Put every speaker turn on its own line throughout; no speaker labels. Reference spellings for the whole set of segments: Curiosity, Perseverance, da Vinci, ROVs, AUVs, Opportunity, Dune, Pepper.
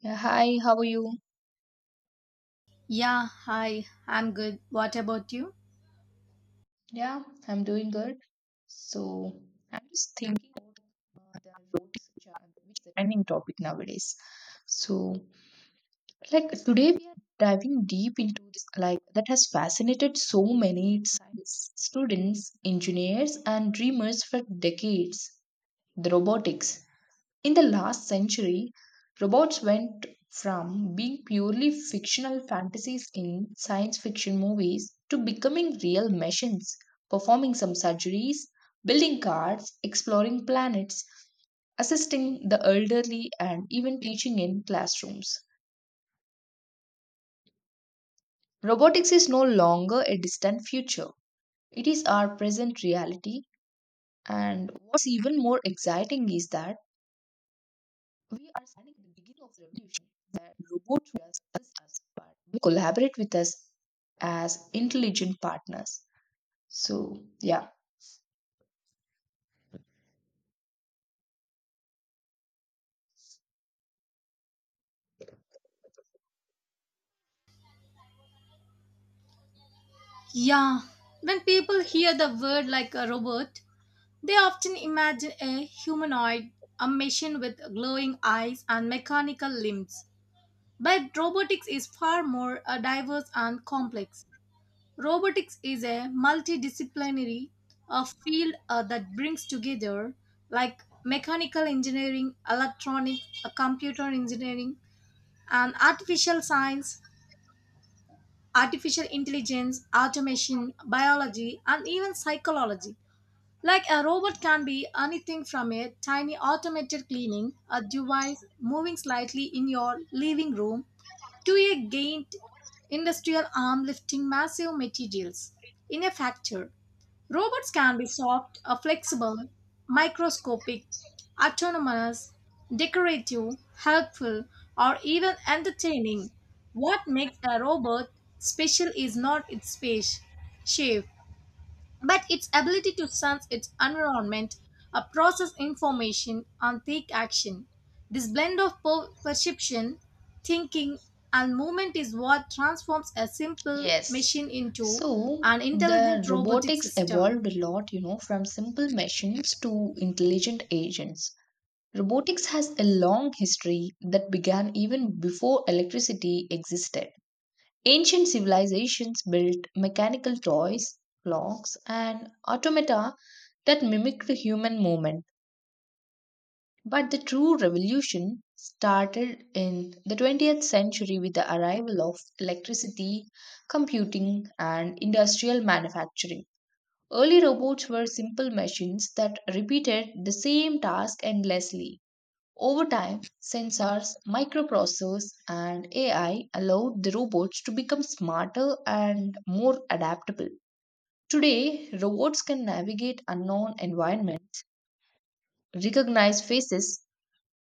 Yeah, hi, how are you?
Yeah, hi, I'm good. What about you?
Yeah, I'm doing good. So, I'm just thinking about the roads which are which is a trending topic nowadays. So, like today we are diving deep into this like that has fascinated so many science students, engineers, and dreamers for decades. The robotics. In the last century, robots went from being purely fictional fantasies in science fiction movies to becoming real machines, performing some surgeries, building cars, exploring planets, assisting the elderly, and even teaching in classrooms. Robotics is no longer a distant future, it is our present reality. And what's even more exciting is that we are standing at the beginning of the revolution that robots will assist us, but will collaborate with us as intelligent partners. So, yeah.
Yeah, when people hear the word like a robot, they often imagine a humanoid, a machine with glowing eyes and mechanical limbs. But robotics is far more diverse and complex. Robotics is a multidisciplinary field that brings together like mechanical engineering, electronics, computer engineering, and artificial intelligence, automation, biology, and even psychology. Like a robot can be anything from a tiny automated cleaning a device moving slightly in your living room to a giant industrial arm lifting massive materials in a factory. Robots can be soft, flexible, microscopic, autonomous, decorative, helpful, or even entertaining. What makes a robot special is not its space, shape, but its ability to sense its environment, process information, and take action. This blend of perception, thinking, and movement is what transforms a simple
Yes.
machine into
So
an
the
intelligent robotic
robotics
system.
evolved a lot, you know, from simple machines to intelligent agents. Robotics has a long history that began even before electricity existed. Ancient civilizations built mechanical toys, clocks, and automata that mimic the human movement. But the true revolution started in the 20th century with the arrival of electricity, computing, and industrial manufacturing. Early robots were simple machines that repeated the same task endlessly. Over time, sensors, microprocessors, and AI allowed the robots to become smarter and more adaptable. Today, robots can navigate unknown environments, recognize faces,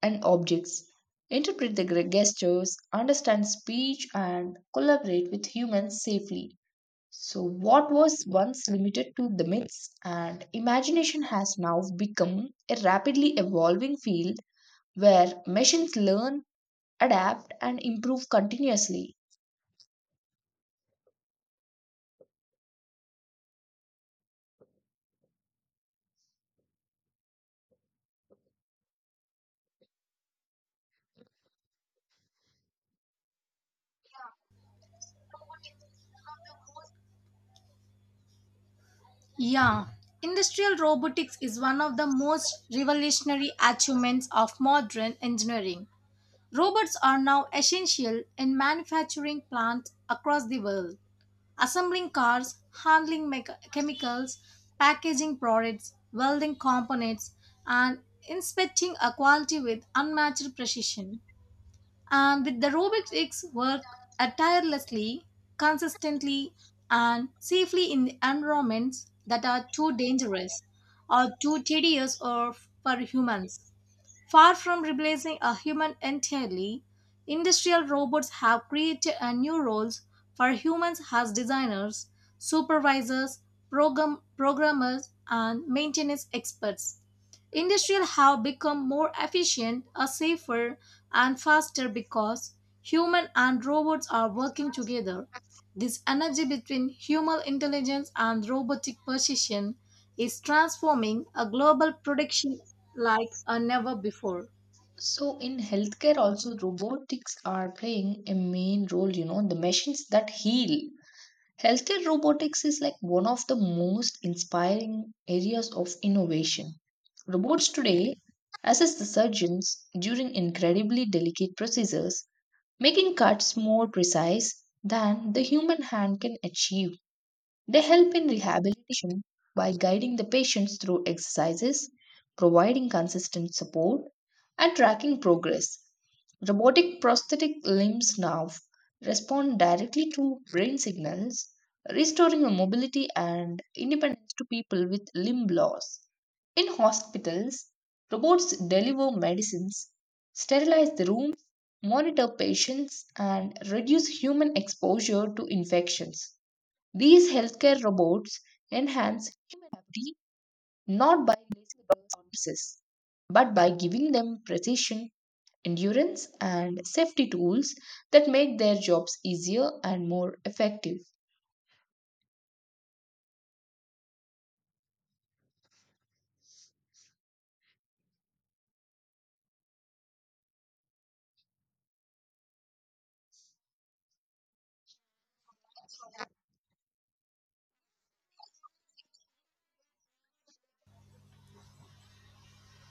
and objects, interpret the gestures, understand speech, and collaborate with humans safely. So, what was once limited to the myths and imagination has now become a rapidly evolving field where machines learn, adapt, and improve continuously.
Yeah, industrial robotics is one of the most revolutionary achievements of modern engineering. Robots are now essential in manufacturing plants across the world, assembling cars, handling chemicals, packaging products, welding components, and inspecting a quality with unmatched precision. And with the robotics work tirelessly, consistently, and safely in environments that are too dangerous or too tedious or for humans. Far from replacing a human entirely, industrial robots have created a new roles for humans as designers, supervisors, programmers, and maintenance experts. Industrial have become more efficient, are safer, and faster because human and robots are working together. This energy between human intelligence and robotic precision is transforming a global production like a never before.
So, in healthcare, also robotics are playing a main role, you know, the machines that heal. Healthcare robotics is like one of the most inspiring areas of innovation. Robots today assist the surgeons during incredibly delicate procedures, making cuts more precise than the human hand can achieve. They help in rehabilitation by guiding the patients through exercises, providing consistent support, and tracking progress. Robotic prosthetic limbs now respond directly to brain signals, restoring the mobility and independence to people with limb loss. In hospitals, robots deliver medicines, sterilize the rooms, monitor patients, and reduce human exposure to infections. These healthcare robots enhance human ability not by replacing doctors or nurses, but by giving them precision, endurance, and safety tools that make their jobs easier and more effective.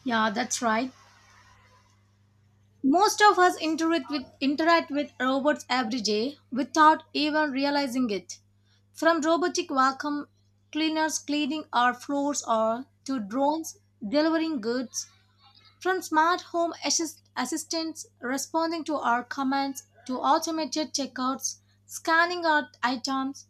Yeah, that's right. Most of us interact with robots every day without even realizing it. From robotic vacuum cleaners cleaning our floors or to drones delivering goods, from smart home assistants responding to our commands to automated checkouts, scanning our items,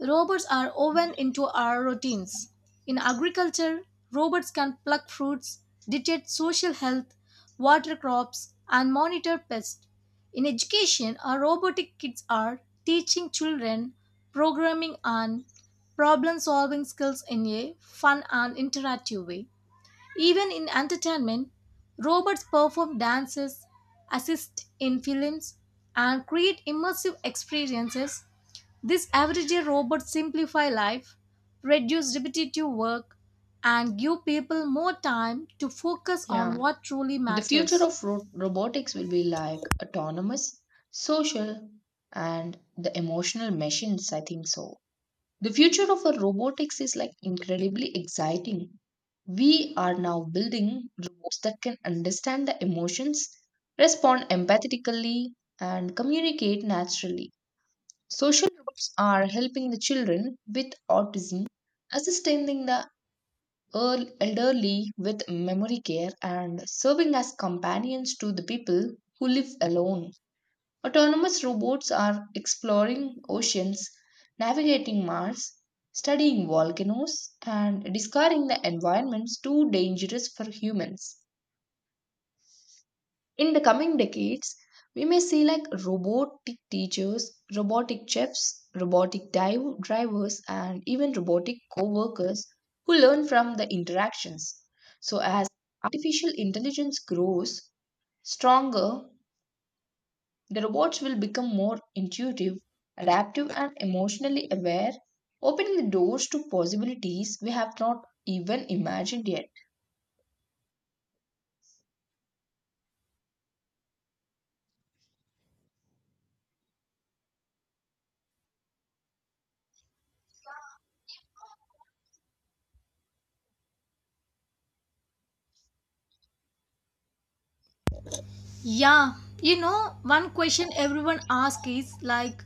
robots are woven into our routines. In agriculture, robots can pluck fruits, detect social health, water crops, and monitor pests. In education, our robotic kids are teaching children programming and problem solving skills in a fun and interactive way. Even in entertainment, robots perform dances, assist in films, and create immersive experiences. These everyday robots simplify life, reduce repetitive work, and give people more time to focus on
Yeah,
what truly
the future
matters.
of robotics will be like autonomous, social, and the emotional machines, I think so. The future of our robotics is like incredibly exciting. We are now building robots that can understand the emotions, respond empathetically, and communicate naturally. Social robots are helping the children with autism, assisting the elderly with memory care, and serving as companions to the people who live alone. Autonomous robots are exploring oceans, navigating Mars, studying volcanoes, and discovering the environments too dangerous for humans. In the coming decades, we may see like robotic teachers, robotic chefs, robotic drivers, and even robotic co workers who learn from the interactions. So, as artificial intelligence grows stronger, the robots will become more intuitive, adaptive, and emotionally aware, opening the doors to possibilities we have not even imagined yet.
Yeah, you know, one question everyone asks is like,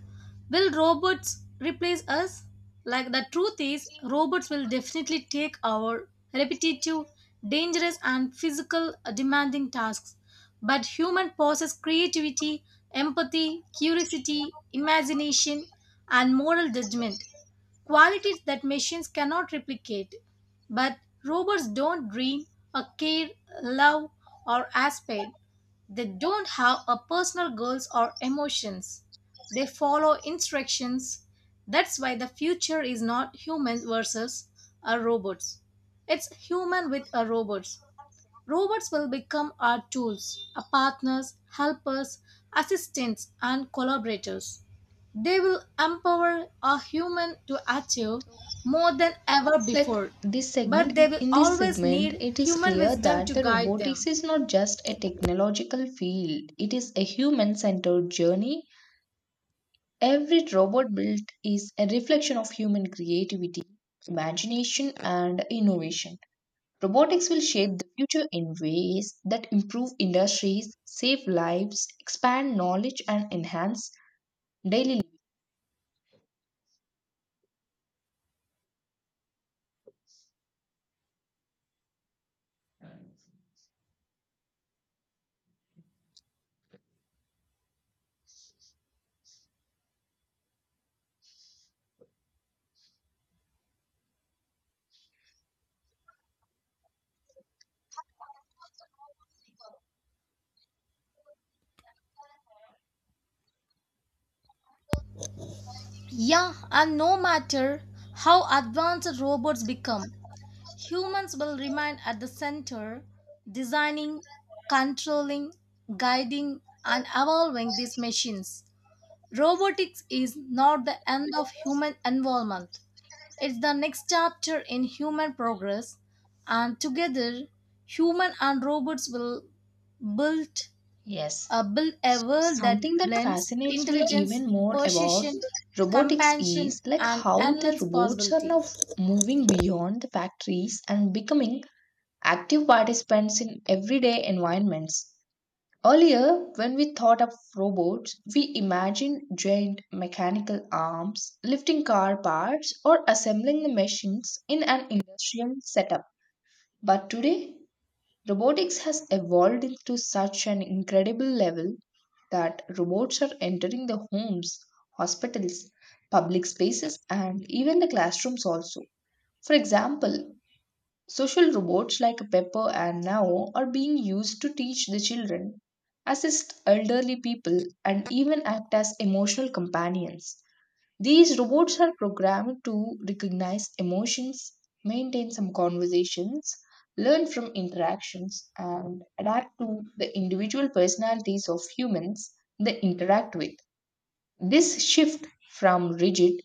will robots replace us? Like, the truth is, robots will definitely take our repetitive, dangerous, and physical demanding tasks. But human possess creativity, empathy, curiosity, imagination, and moral judgment qualities that machines cannot replicate. But robots don't dream, or care, love, or aspire. They don't have a personal goals or emotions. They follow instructions. That's why the future is not humans versus a robots. It's human with a robot. Robots will become our tools, our partners, helpers, assistants, and collaborators. They will empower a human to achieve
So,
more than ever
like
before,
this segment,
but they
in
will
in this
always
segment,
need
it is
human
clear
wisdom
that
to
the
guide
robotics
them.
is not just a technological field, it is a human centered journey. Every robot built is a reflection of human creativity, imagination, and innovation. Robotics will shape the future in ways that improve industries, save lives, expand knowledge, and enhance daily life.
Yeah, and no matter how advanced robots become, humans will remain at the center, designing, controlling, guiding, and evolving these machines. Robotics is not the end of human involvement. It's the next chapter in human progress, and together, human and robots will build,
Yes.
build a
So,
world that
something that
blends
fascinates me
intelligence,
even more about
precision,
robotics
compassion,
is like
and
how the
endless
robots are
possibility.
now moving beyond the factories and becoming active participants in everyday environments. Earlier, when we thought of robots, we imagined giant mechanical arms lifting car parts or assembling the machines in an industrial setup. But today, robotics has evolved to such an incredible level that robots are entering the homes, hospitals, public spaces, and even the classrooms also. For example, social robots like Pepper and Now are being used to teach the children, assist elderly people, and even act as emotional companions. These robots are programmed to recognize emotions, maintain some conversations, learn from interactions, and adapt to the individual personalities of humans they interact with. This shift from rigid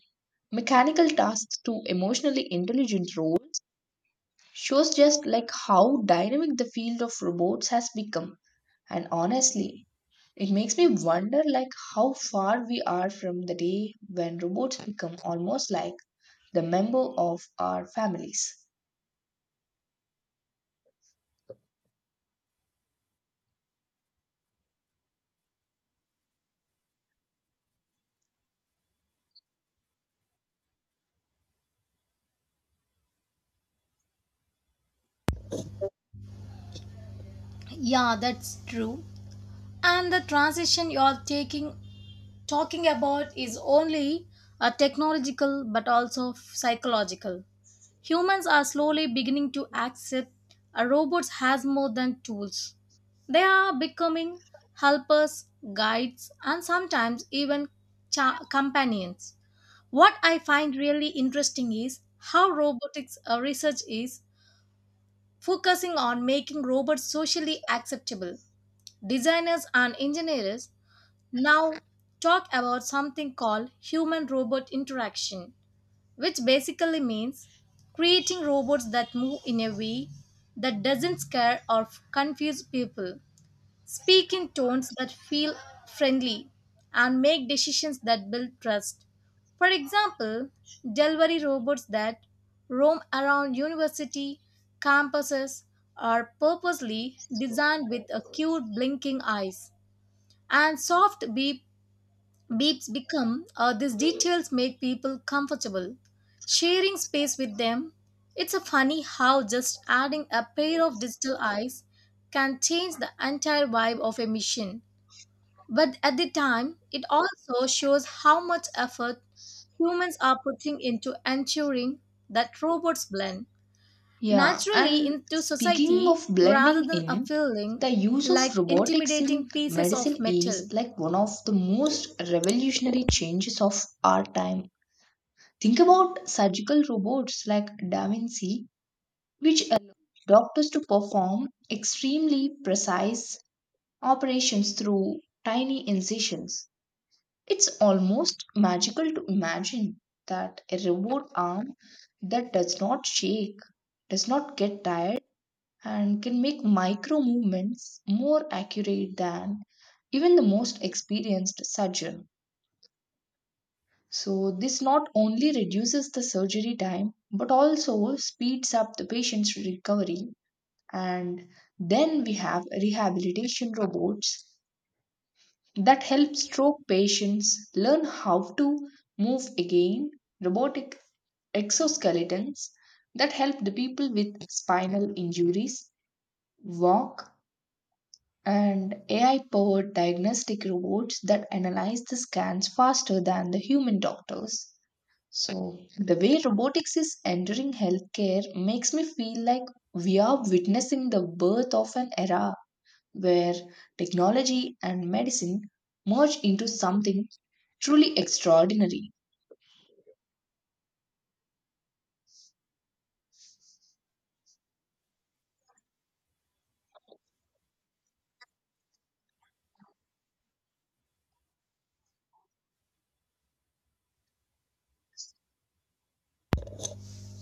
mechanical tasks to emotionally intelligent roles shows just like how dynamic the field of robots has become, and honestly it makes me wonder like how far we are from the day when robots become almost like the member of our families.
Yeah, that's true. And the transition you're taking talking about is only a technological but also psychological. Humans are slowly beginning to accept a robots has more than tools. They are becoming helpers, guides, and sometimes even companions. What I find really interesting is how robotics research is focusing on making robots socially acceptable. Designers and engineers now talk about something called human robot interaction, which basically means creating robots that move in a way that doesn't scare or confuse people, speak in tones that feel friendly, and make decisions that build trust. For example, delivery robots that roam around university campuses are purposely designed with acute blinking eyes and soft beeps become these details make people comfortable sharing space with them. It's a funny how just adding a pair of digital eyes can change the entire vibe of a mission, but at the time it also shows how much effort humans are putting into ensuring that robots blend
Yeah,
naturally
and
into
speaking
society
of
rather
blending
than a
in,
feeling
the use of
like
robotics in
intimidating pieces
medicine
of
is
metal.
like one of the most revolutionary changes of our time. Think about surgical robots like da Vinci, which allow doctors to perform extremely precise operations through tiny incisions. It's almost magical to imagine that a robot arm that does not shake, does not get tired, and can make micro movements more accurate than even the most experienced surgeon. So, this not only reduces the surgery time but also speeds up the patient's recovery. And then we have rehabilitation robots that help stroke patients learn how to move again, robotic exoskeletons that help the people with spinal injuries walk, and AI powered diagnostic robots that analyze the scans faster than the human doctors. So the way robotics is entering healthcare makes me feel like we are witnessing the birth of an era where technology and medicine merge into something truly extraordinary.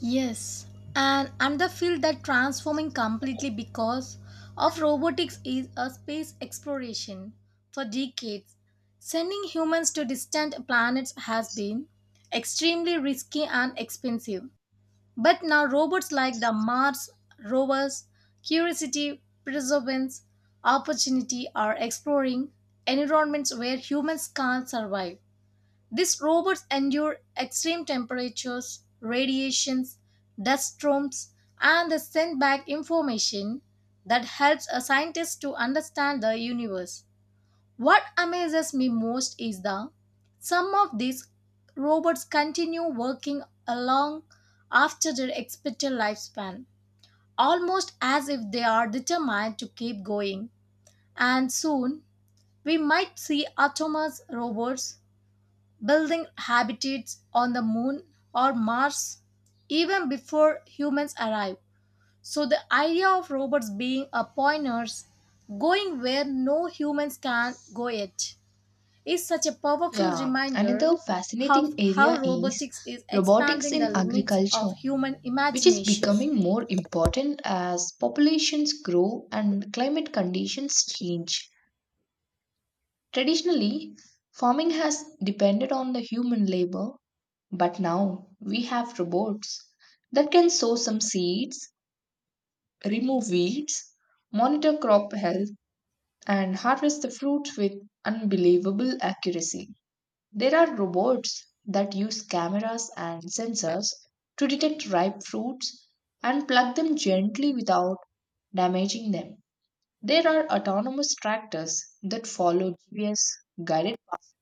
Yes, and another field that transforming completely because of robotics is a space exploration. For decades, sending humans to distant planets has been extremely risky and expensive. But now robots like the Mars rovers, Curiosity, Perseverance, Opportunity are exploring environments where humans can't survive. These robots endure extreme temperatures, radiations, dust storms, and they send back information that helps a scientist to understand the universe. What amazes me most is that some of these robots continue working along after their expected lifespan, almost as if they are determined to keep going. And soon, we might see autonomous robots building habitats on the moon or Mars even before humans arrive. So the idea of robots being a pointers going where no humans can go yet is such a powerful
Yeah,
reminder
another fascinating
of how
area is
robotics is
robotics
expanding the
in
limits
agriculture,
of human
which is
imagination.
becoming more important as populations grow and climate conditions change. Traditionally, farming has depended on the human labor, but now we have robots that can sow some seeds, remove weeds, monitor crop health, and harvest the fruit with unbelievable accuracy. There are robots that use cameras and sensors to detect ripe fruits and pluck them gently without damaging them. There are autonomous tractors that follow GPS guided paths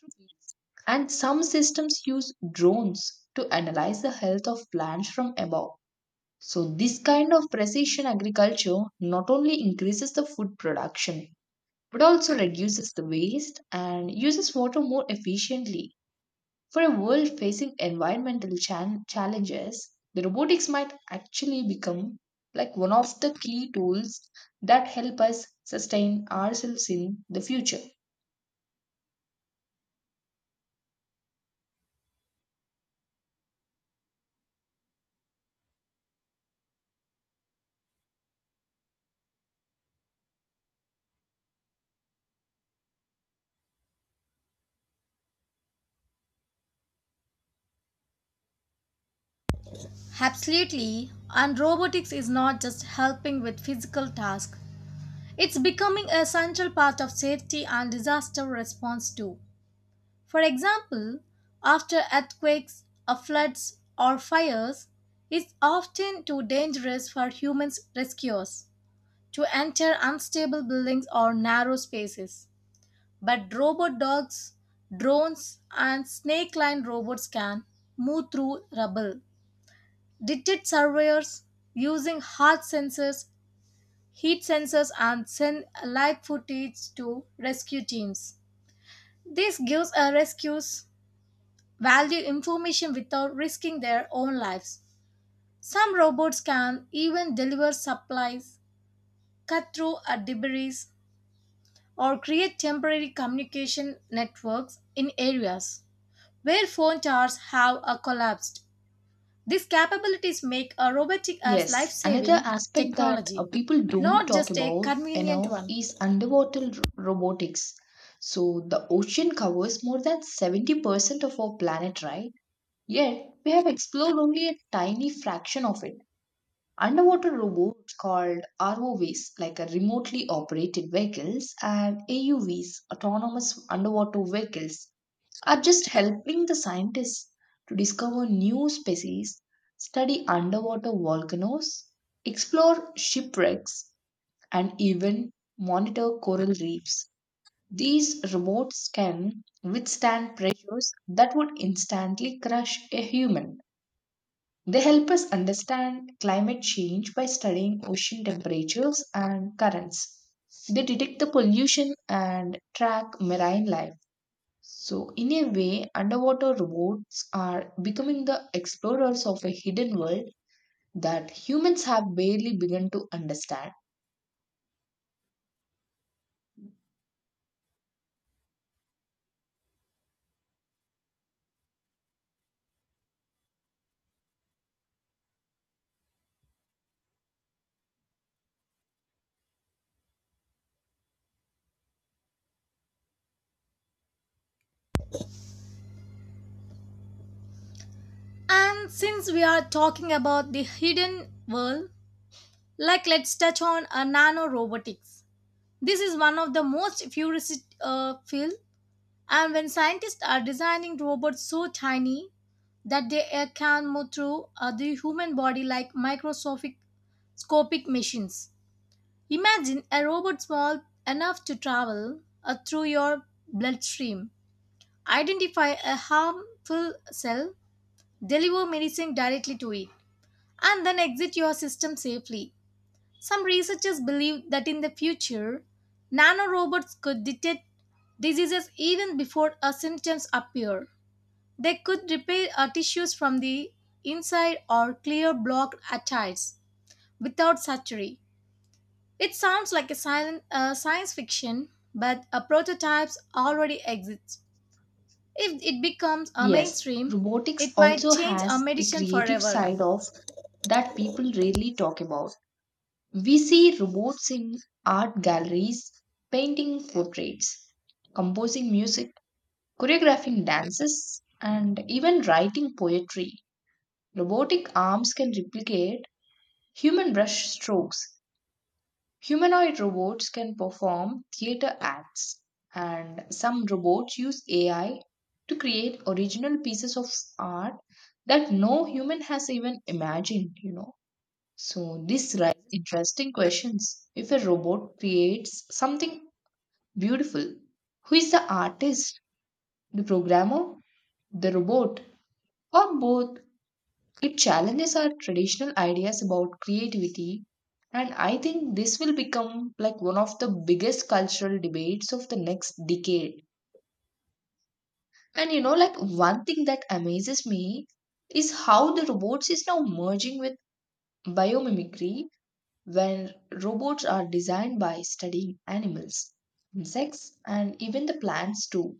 through fields. And some systems use drones to analyze the health of plants from above. So, this kind of precision agriculture not only increases the food production but also reduces the waste and uses water more efficiently. For a world facing environmental challenges, the robotics might actually become like one of the key tools that help us sustain ourselves in the future.
Absolutely, and robotics is not just helping with physical tasks. It's becoming a central part of safety and disaster response too. For example, after earthquakes, floods, or fires, it's often too dangerous for human rescuers to enter unstable buildings or narrow spaces. But robot dogs, drones, and snake line robots can move through rubble, detect surveyors using heat sensors, and send live footage to rescue teams. This gives a rescues value information without risking their own lives. Some robots can even deliver supplies, cut through a debris, or create temporary communication networks in areas where phone towers have collapsed. These capabilities make a robotic as life
Yes, another
saving
aspect that
technology,
people don't
not
talk
just a
about
convenient
enough
one.
is underwater robotics. So the ocean covers more than 70% of our planet, right? Yet, we have explored only a tiny fraction of it. Underwater robots called ROVs, like a remotely operated vehicles, and AUVs, autonomous underwater vehicles, are just helping the scientists to discover new species, study underwater volcanoes, explore shipwrecks, and even monitor coral reefs. These robots can withstand pressures that would instantly crush a human. They help us understand climate change by studying ocean temperatures and currents. They detect the pollution and track marine life. So, in a way, underwater robots are becoming the explorers of a hidden world that humans have barely begun to understand.
And since we are talking about the hidden world, like let's touch on a nanorobotics. This is one of the most futuristic field, and when scientists are designing robots so tiny that they can move through the human body like microscopic scopic machines. Imagine a robot small enough to travel through your bloodstream, identify a harmful cell, deliver medicine directly to it, and then exit your system safely. Some researchers believe that in the future, nanorobots could detect diseases even before a symptoms appear. They could repair tissues from the inside or clear blocked arteries without surgery. It sounds like a silent, science fiction, but a prototypes already exists. If it becomes a
Yes,
mainstream,
robotics
it might
also
change a
has a
medicine
creative
forever.
side of that people rarely talk about. We see robots in art galleries, painting portraits, composing music, choreographing dances, and even writing poetry. Robotic arms can replicate human brush strokes. Humanoid robots can perform theater acts, and some robots use AI to create original pieces of art that no human has even imagined, you know. So this raises interesting questions. If a robot creates something beautiful, who is the artist, the programmer, the robot, or both? It challenges our traditional ideas about creativity, and I think this will become like one of the biggest cultural debates of the next decade. And you know, like one thing that amazes me is how the robots is now merging with biomimicry where robots are designed by studying animals, insects, and even the plants too.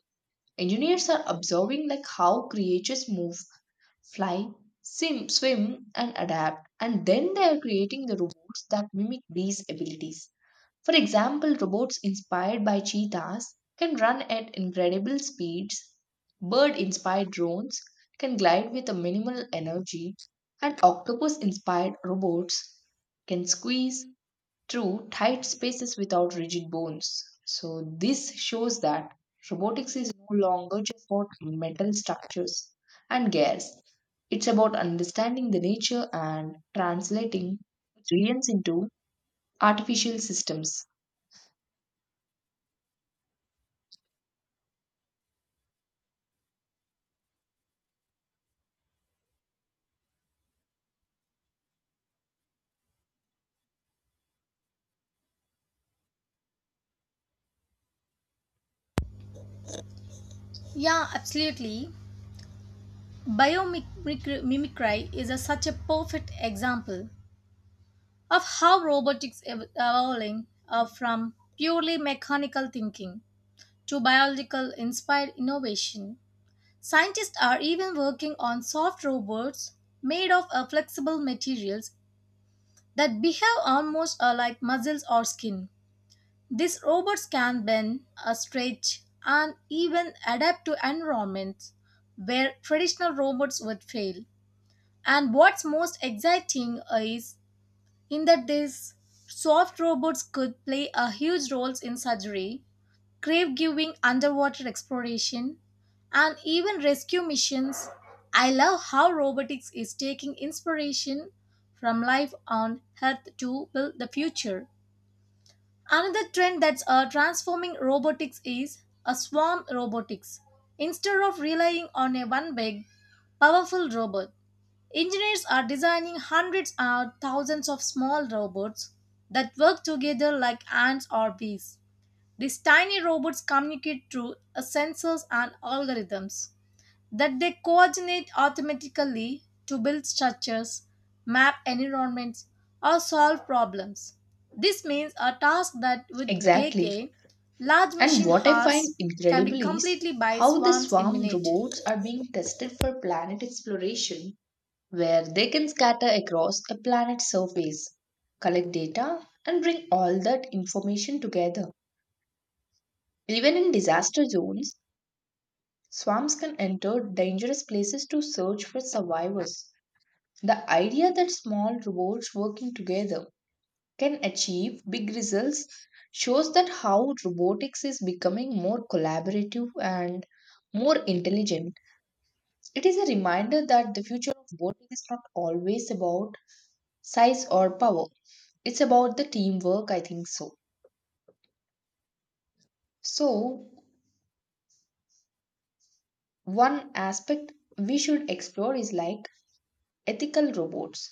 Engineers are observing like how creatures move, fly, swim, and adapt, and then they are creating the robots that mimic these abilities. For example, robots inspired by cheetahs can run at incredible speeds, bird inspired drones can glide with a minimal energy, and octopus inspired robots can squeeze, true, tight spaces without rigid bones. So, this shows that robotics is no longer just about metal structures and gears. It's about understanding the nature and translating science into artificial systems.
Yeah, absolutely. Biomimicry is a, such a perfect example of how robotics evolving from purely mechanical thinking to biological inspired innovation. Scientists are even working on soft robots made of flexible materials that behave almost like muscles or skin. These robots can bend, stretch, and even adapt to environments where traditional robots would fail. And what's most exciting is in that these soft robots could play a huge roles in surgery, grave giving, underwater exploration, and even rescue missions. I love how robotics is taking inspiration from life on Earth to build the future. Another trend that's transforming robotics is a swarm robotics. Instead of relying on a one big, powerful robot, engineers are designing hundreds or thousands of small robots that work together like ants or bees. These tiny robots communicate through sensors and algorithms that they coordinate automatically to build structures, map environments, or solve problems. This means a task that would take
Exactly.
a large
And
machine
what I find
hours can be
incredible is
completed by
how the
swarms in
swarm
minutes.
robots are being tested for planet exploration where they can scatter across a planet's surface, collect data, and bring all that information together. Even in disaster zones, swarms can enter dangerous places to search for survivors. The idea that small robots working together can achieve big results shows that how robotics is becoming more collaborative and more intelligent. It is a reminder that the future of robotics is not always about size or power. It's about the teamwork, I think so. So, one aspect we should explore is like ethical robots.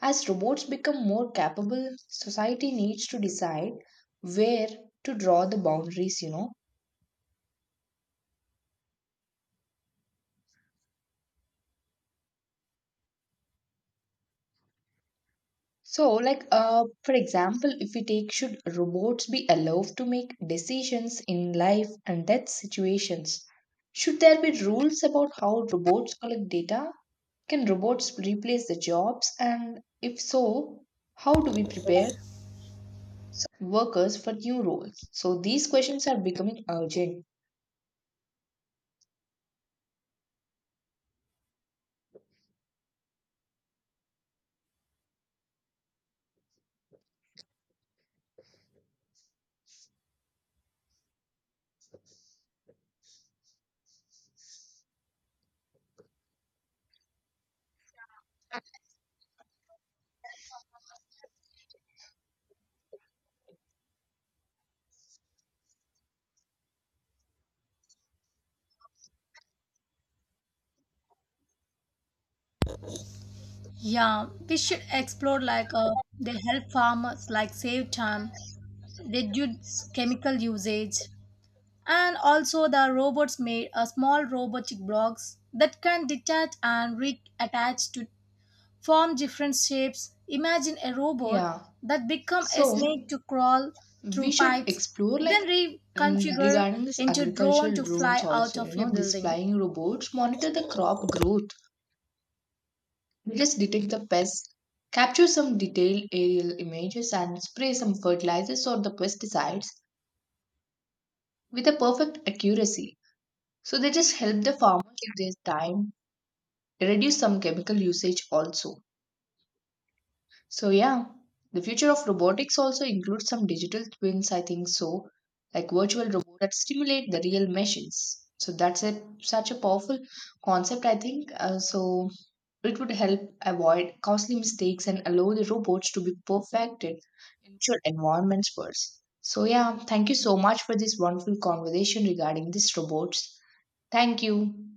As robots become more capable, society needs to decide where to draw the boundaries, you know. So, like, for example, if we take, should robots be allowed to make decisions in life and death situations? Should there be rules about how robots collect data? Can robots replace the jobs? And if so, how do we prepare workers for new roles? So these questions are becoming urgent.
Yeah, we should explore like they help farmers like save time, reduce chemical usage, and also the robots made a small robotic blocks that can detach and reattach to form different shapes. Imagine a robot
Yeah.
that become a snake
So
to crawl
we
through
should
pipes,
explore like
then reconfigure
regarding this
into drone
agricultural
to
drones
fly out
also, you
of a
know, these
building.
flying robots monitor the crop growth. They just detect the pests, capture some detailed aerial images and spray some fertilizers or the pesticides with a perfect accuracy. So they just help the farmers save their time, reduce some chemical usage also. So yeah, the future of robotics also includes some digital twins, I think so, like virtual robots that stimulate the real machines. So that's a such a powerful concept, I think. So it would help avoid costly mistakes and allow the robots to be perfected in future environments first. So yeah, thank you so much for this wonderful conversation regarding these robots. Thank you.